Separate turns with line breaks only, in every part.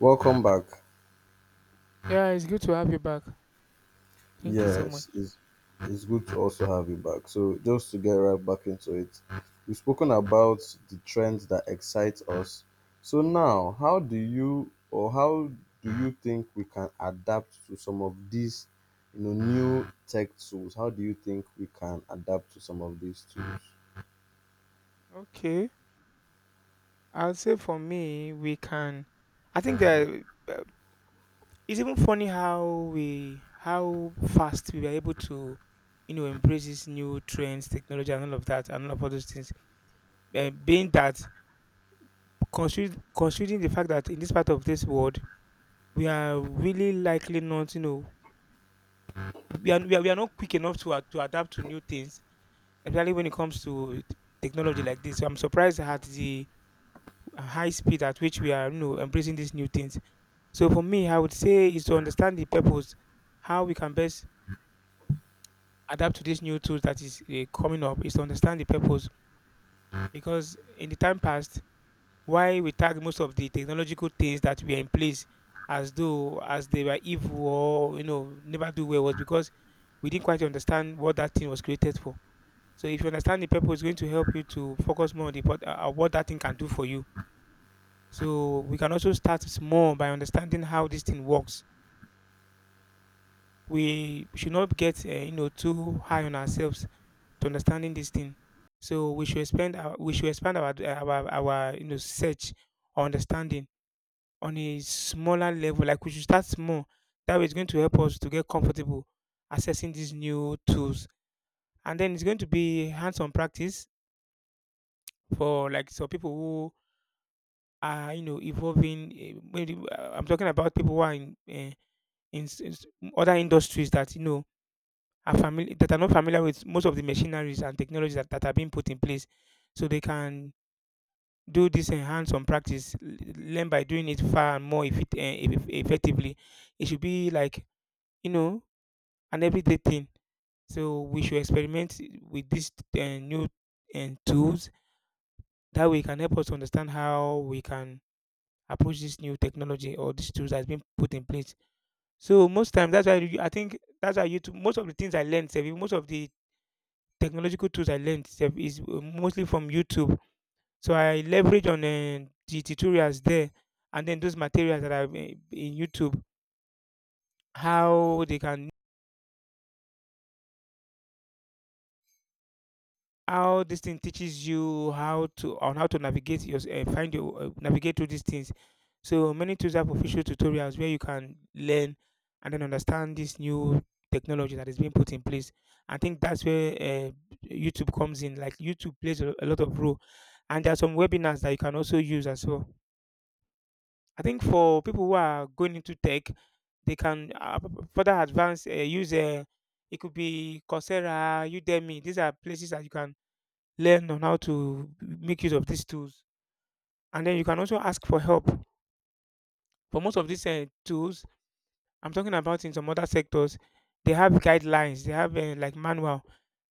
Welcome back.
Yeah, it's good to have you back. Thank you so much.
Yes, it's good to also have you back. So just to get right back into it, we've spoken about the trends that excite us. So now, how do you think we can adapt to some of these, new tech tools? How do you think we can adapt to some of these tools?
Okay, I'll say for me, we can. I think that uh, it's even funny how we how fast we were able to, you know, embrace these new trends, technology, and all of that, and all those things. Being that considering the fact that in this part of this world, we are really likely not, you know, we are not quick enough to to adapt to new things, especially when it comes to technology like this. So I'm surprised at the high speed at which we are, you know, embracing these new things. So for me, I would say is to understand the purpose. How we can best adapt to these new tools that is coming up is to understand the purpose, because in the time past, why we tag most of the technological things that were in place as though as they were evil or, you know, never do well, was because we didn't quite understand what that thing was created for. So if you understand the purpose, it's going to help you to focus more on what that thing can do for you. So we can also start small by understanding how this thing works. We should not get you know, too high on ourselves to understanding this thing. So we should expand our, we should expand our you know, search or understanding on a smaller level. Like, we should start small. That way it's going to help us to get comfortable accessing these new tools. And then it's going to be hands-on practice for like some people who are, you know, evolving. Maybe I'm talking about people who are in other industries that, you know, are familiar, that are not familiar with most of the machineries and technologies that, are being put in place, so they can do this enhance on practice, learn by doing it far and more effectively. It should be like, you know, an everyday thing. So we should experiment with these new and tools. That way it can help us to understand how we can approach this new technology or these tools that's been put in place. So most times, that's why I think that's why YouTube. Most of the things I learned, sef, most of the technological tools I learned sef, is mostly from YouTube. So I leverage on the tutorials there, and then those materials that are in YouTube, how they can, how this thing teaches you how to, on how to navigate your find your navigate through these things. So many tools have official tutorials where you can learn and then understand this new technology that is being put in place. I think that's where YouTube comes in. Like, YouTube plays a lot of role, and there are some webinars that you can also use as well. I think for people who are going into tech, they can further advance use. It could be Coursera, Udemy. These are places that you can learn on how to make use of these tools. And then you can also ask for help. For most of these tools, I'm talking about in some other sectors, they have guidelines, they have like manual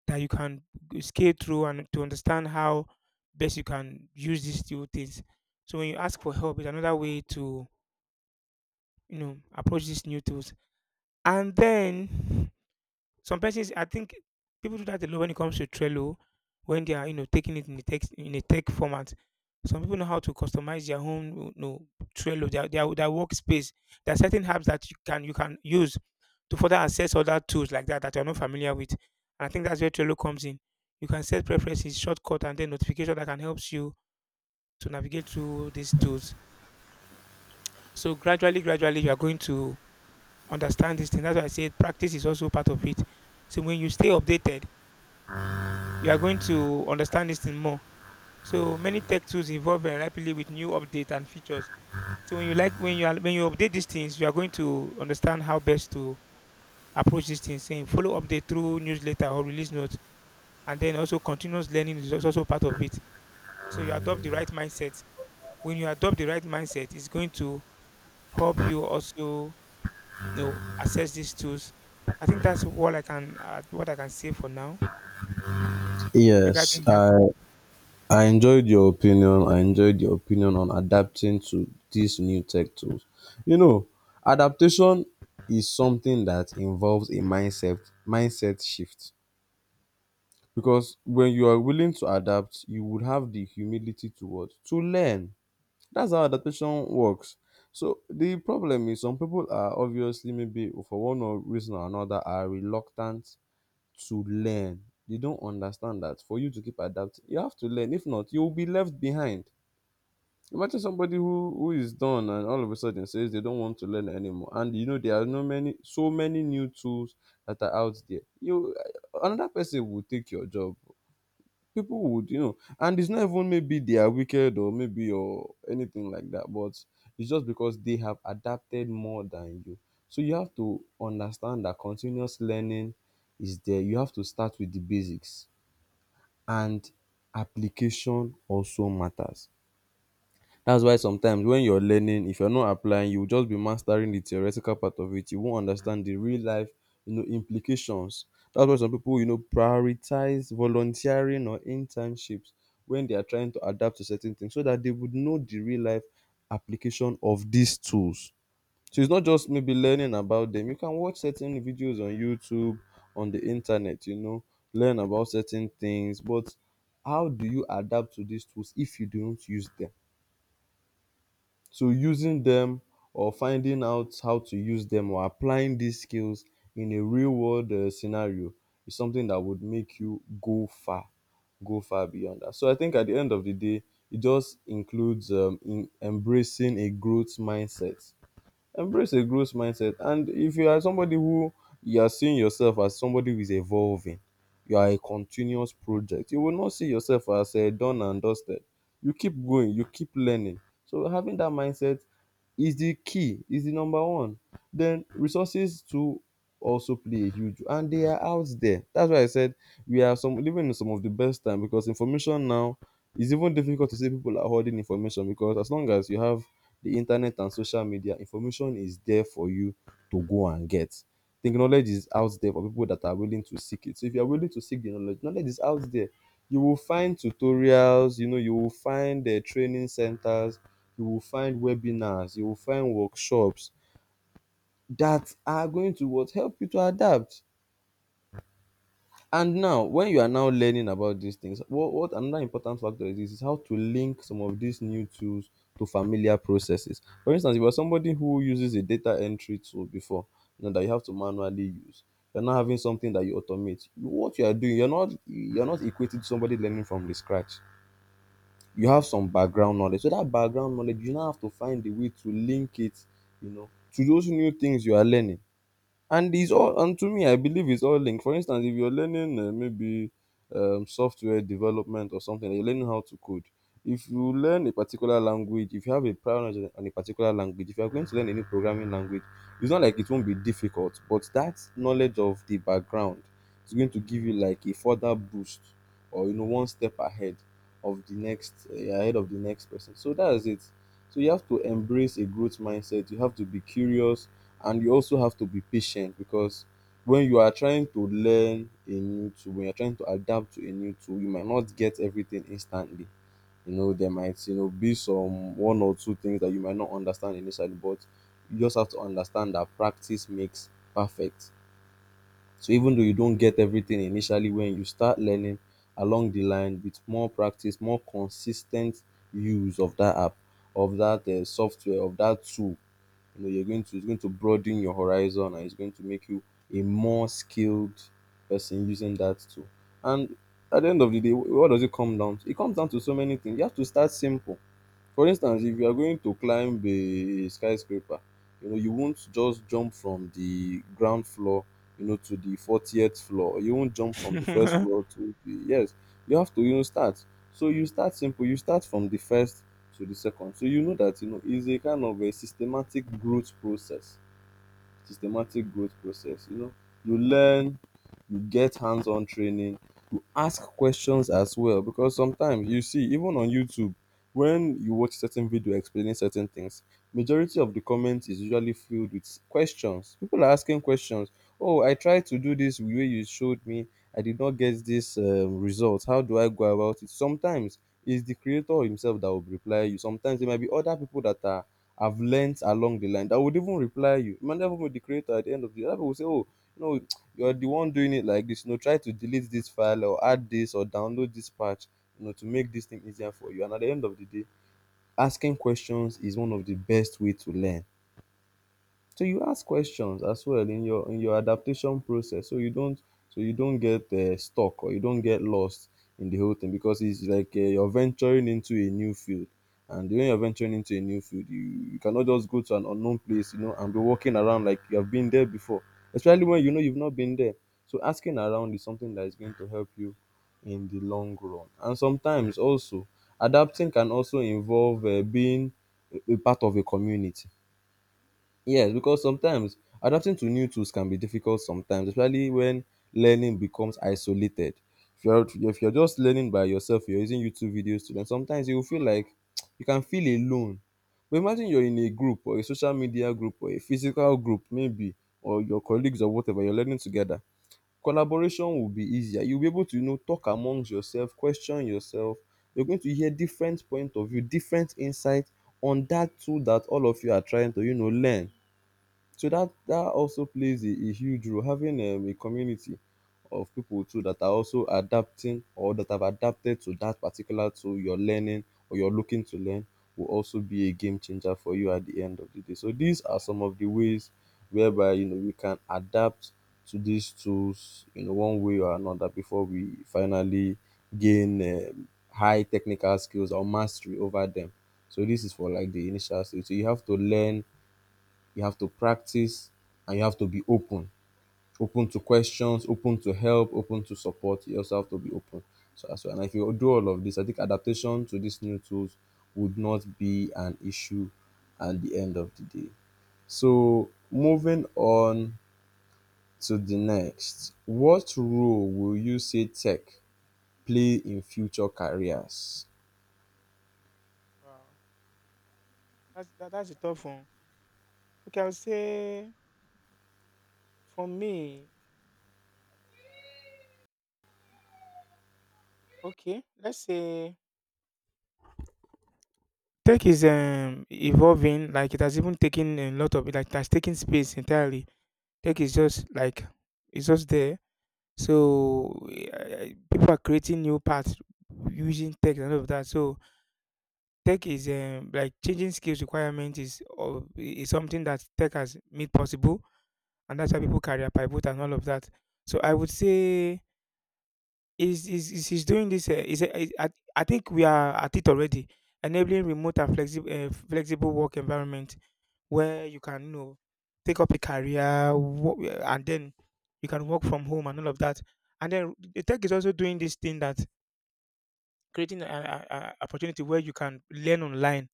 that you can scale through and to understand how best you can use these two things. So when you ask for help, it's another way to, you know, approach these new tools. And then some persons, I think people do that a lot when it comes to Trello, when they are, you know, taking it in the text in a tech format. Some people know how to customize their own, you know, Trello, their workspace. There are certain apps that you can use to further access other tools like that that you're not familiar with. And I think that's where Trello comes in. You can set preferences, shortcut, and then notification that can help you to navigate through these tools. So gradually, gradually, you are going to understand this thing. That's why I said practice is also part of it. So when you stay updated, you are going to understand this thing more. So many tech tools evolve very rapidly with new updates and features. So when you when you update these things, you are going to understand how best to approach these things. Saying follow update through newsletter or release notes, and then also continuous learning is also part of it. So you adopt the right mindset. When you adopt the right mindset, it's going to help you also, you know, assess these tools. I think that's what I can say for now
Yes,
regarding that.
I enjoyed your opinion. I enjoyed your opinion on adapting to these new tech tools. You know, adaptation is something that involves a mindset shift because when you are willing to adapt, you would have the humility to what to learn. That's how adaptation works. So the problem is, some people are obviously, maybe for one or reason or another, are reluctant to learn. They don't understand that for you to keep adapting, you have to learn. If not, you will be left behind. Imagine somebody who is done and all of a sudden says they don't want to learn anymore. And you know there are no many so many new tools that are out there. You another person will take your job. People would, and it's not even maybe they are wicked or anything like that, but it's just because they have adapted more than you. So you have to understand that continuous learning is there. You have to start with the basics, and application also matters. That's why sometimes when you're learning, if you're not applying, you'll just be mastering the theoretical part of it. You won't understand the real life, implications. That's why some people, prioritize volunteering or internships when they are trying to adapt to certain things, so that they would know the real life application of these tools. So it's not just maybe learning about them. You can watch certain videos on YouTube, on the internet, learn about certain things, but how do you adapt to these tools if you don't use them? So using them, or finding out how to use them, or applying these skills in a real world scenario is something that would make you go far, go far beyond that. So I think at the end of the day, it just includes in embracing a growth mindset. Embrace a growth mindset. And if you are somebody who you are seeing yourself as somebody who is evolving, you are a continuous project. You will not see yourself as a done and dusted. You keep going, you keep learning. So having that mindset is the key, is the number one. Then resources too also play a huge, and they are out there. That's why I said we are some living in some of the best time, because information now is even difficult to say people are holding information, because as long as you have the internet and social media, information is there for you to go and get. The knowledge is out there for people that are willing to seek it. So if you are willing to seek the knowledge, knowledge is out there. You will find tutorials, you will find training centers, you will find webinars, you will find workshops that are going to what help you to adapt. And now when you are now learning about these things, what another important factor is, this is how to link some of these new tools to familiar processes. For instance, if you're somebody who uses a data entry tool before, you know that you have to manually use, you're not having something that you automate what you are doing, you're not equated to somebody learning from the scratch. You have some background knowledge. So that background knowledge, you now have to find a way to link it, you know, to those new things you are learning. And it's all, and to me I believe it's all linked. For instance, if you're learning maybe software development or something, you're learning how to code. If you learn a particular language, if you have a prior knowledge on a particular language, if you're going to learn a new programming language, it's not like it won't be difficult, but that knowledge of the background is going to give you like a further boost, or you know, one step ahead of the next person. So that's it. So you have to embrace a growth mindset, you have to be curious, and you also have to be patient, because when you are trying to learn a new tool, when you're trying to adapt to a new tool, you might not get everything instantly. You know, there might, be some one or two things that you might not understand initially, but you just have to understand that practice makes perfect. So even though you don't get everything initially, when you start learning along the line, with more practice, more consistent use of that app, of that software, of that tool, you know, you're going to it's going to broaden your horizon, and it's going to make you a more skilled person using that tool. And at the end of the day, wh- what does it come down to? It comes down to so many things. You have to start simple. For instance, if you are going to climb a skyscraper, you wont just jump from di ground floor to di 40th floor. You wont jump from di first floor to di, yes, you have to start. So you start simple, you start from the first to the second. So you know that, it's a kind of a systematic growth process, you know. You learn, you get hands-on training, you ask questions as well, because sometimes you see, even on YouTube, when you watch certain video explaining certain things, majority of the comments is usually filled with questions. People are asking questions. Oh, I tried to do this the way you showed me, I did not get this result, how do I go about it? Sometimes it's the creator himself that will reply you. Sometimes there might be other people that are have learnt along the line that would even reply you. Remember, even with the creator at the end of the day, other people will say, "Oh, no, you're the one doing it like this, you know, try to delete this file, or add this, or download this patch, you know, to make this thing easier for you." And at the end of the day, asking questions is one of the best way to learn. So you ask questions as well in your adaptation process, so you don't get stuck, or you don't get lost in the whole thing, because it's like, you're venturing into a new field. And when you're venturing into a new field, you cannot just go to an unknown place, and be walking around like you have been there before, especially when you know you've not been there. So asking around is something that is going to help you in the long run. And sometimes also, adapting can also involve being a part of a community. Yes, because sometimes adapting to new tools can be difficult sometimes, especially when learning becomes isolated. If you're just learning by yourself, you're using YouTube videos to learn, sometimes you will feel like you can feel alone. But imagine you're in a group, or a social media group, or a physical group maybe, or your colleagues or whatever, you're learning together. Collaboration will be easier. You'll be able to, talk amongst yourself, question yourself. You're going to hear different point of view, different insight on that tool that all of you are trying to, learn. So that also plays a huge role. Having a community of people too, that are also adapting or that have adapted to that particular tool you're learning or you're looking to learn, will also be a game changer for you at the end of the day. So these are some of the ways whereby we can adapt to these tools in one way or another before we finally gain high technical skills or mastery over them. So this is for like the initial stage. So you have to learn, you have to practice, and you have to be open. Open to questions, open to help, open to support. You also have to be open. So that's why. And if you do all of this, I think adaptation to these new tools would not be an issue at the end of the day. So moving on to the next, what role will you say tech play in future careers?
Wow, that's a tough one. Okay, I would say for me, okay, let's say tech is evolving. Like, it has even taken a lot of, like, it has taken space entirely. Tech is just like, it's just there. So uh, people are creating new paths using tech and all of that. So tech is like changing skills requirement is of is something that tech has made possible, and that's why people career pivot and all of that. So I would say is doing this. I think we are at it already, enabling remote and flexible work environment where you can, you know, take up a career and then you can work from home and all of that. And then the tech is also doing this thing that creating an opportunity where you can learn online.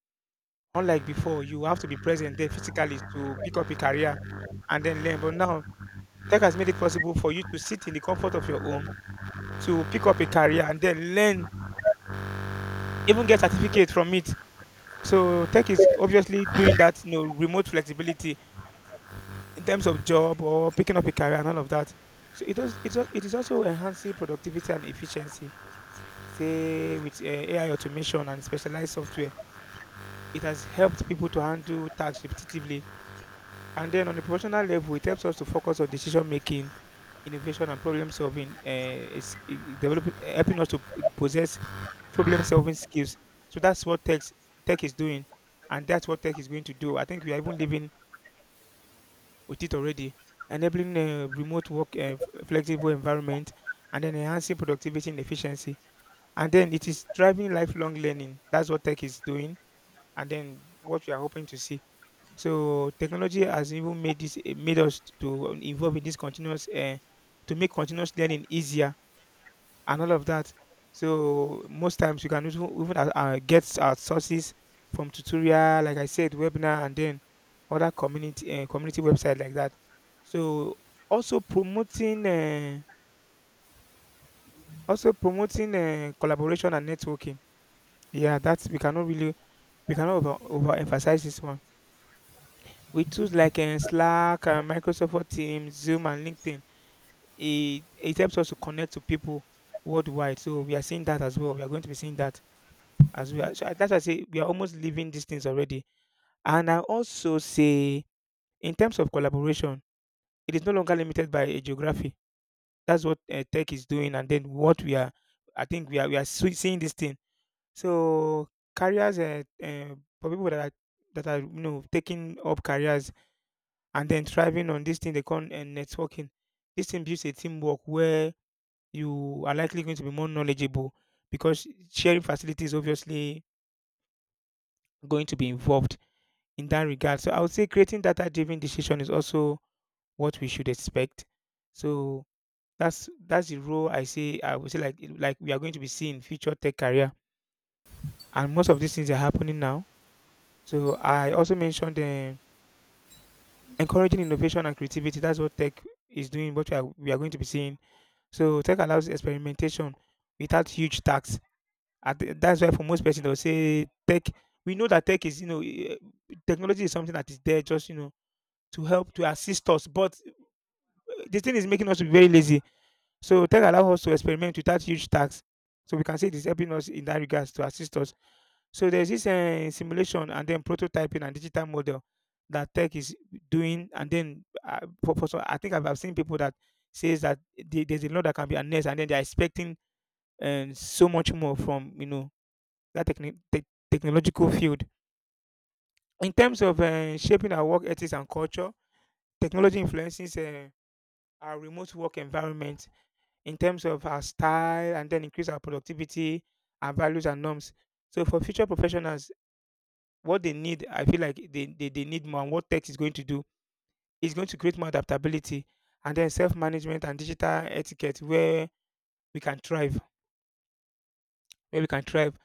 Unlike before, you have to be present there physically to pick up a career and then learn. But now tech has made it possible for you to sit in the comfort of your home to pick up a career and then learn, even get certificate from it. So tech is obviously doing that, you know, remote flexibility in terms of job or picking up a career and all of that. So it does, it is also enhancing productivity and efficiency. Say with AI automation and specialized software, it has helped people to handle tasks repetitively. And then on a professional level, it helps us to focus on decision making, innovation and problem solving. Is i- Developing, helping us to possess problem solving skills. So that's what tech is doing, and that's what tech is going to do. I think we are even living with it already. Enabling remote work, flexible environment, and then enhancing productivity and efficiency, and then it is driving lifelong learning. That's what tech is doing. And then what we are hoping to see. So technology has even made this, made us to involve in this continuous to make continuous learning easier and all of that. So most times you can even get our sources from tutorial, like I said, webinar, and then other community website like that. So also promoting uh, also promoting collaboration and networking. Yeah, that's, we cannot really, we cannot overemphasize this one. With tools like Slack, Microsoft Word Teams, Zoom, and LinkedIn, it helps us to connect to people worldwide. So we are seeing that as well. We are going to be seeing that as we are. So that's why I say we are almost living these things already. And I also say, in terms of collaboration, it is no longer limited by a geography. That's what tech is doing, and then what we are. I think we are seeing this thing. So careers, for people that are you know, taking up careers and then thriving on this thing they call networking. This thing builds a teamwork where you are likely going to be more knowledgeable because sharing facilities obviously going to be involved in that regard. So I would say creating data driven decision is also what we should expect. So that's the role I say I would say, like we are going to be seeing future tech career, and most of these things are happening now. So I also mentioned encouraging innovation and creativity. That's what tech is doing. What we are going to be seeing. So tech allows experimentation without huge tax. That's why for most persons they'll say tech. We know that tech is, you know, technology is something that is there just, you know, to help to assist us, but this thing is making us to be very lazy. So tech allow us to experiment without huge tax. So we can say it is helping us in that regards to assist us. So there's this simulation and then prototyping and digital model that tech is doing. And then for, some, I think I've seen people that says that they, there's a lot that can be harnessed and then they're expecting so much more from, you know, that technological field. In terms of shaping our work ethics and culture, technology influences our remote work environment in terms of our style and then increase our productivity, our values and norms. So for future professionals, what they need, I feel like they need more. And what tech is going to do is going to create more adaptability and then self-management and digital etiquette where we can thrive, where we can thrive.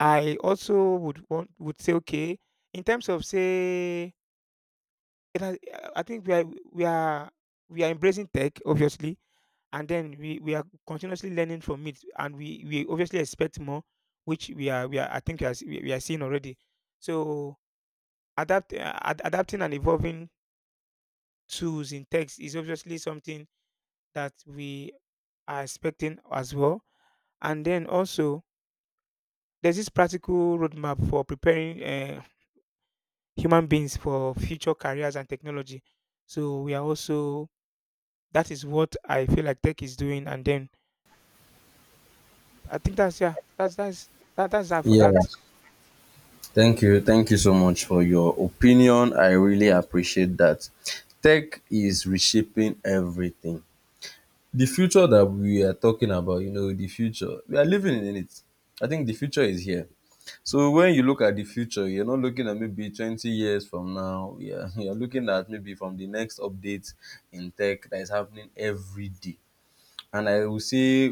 I also would want would say, okay, in terms of say, it has- I think we are we are embracing tech, obviously, and then we are continuously learning from it, and we obviously expect more, which we are I think we are, s- we are seeing already. So adapt adapting and evolving tools in text is obviously something that we are expecting as well, and then also there's this practical roadmap for preparing human beings for future careers and technology. So we are also, that is what I feel like tech is doing, and then I think that's, yeah, that's that for
Yeah.
that.
Thank you. Thank you so much for your opinion. I really appreciate that. Tech is reshaping everything. The future that we are talking about, you know, the future, we are living in it. I think the future is here. So when you look at the future, you're not looking at maybe 20 years from now. Yeah, you're looking at maybe from the next update in tech that is happening every day. And I will say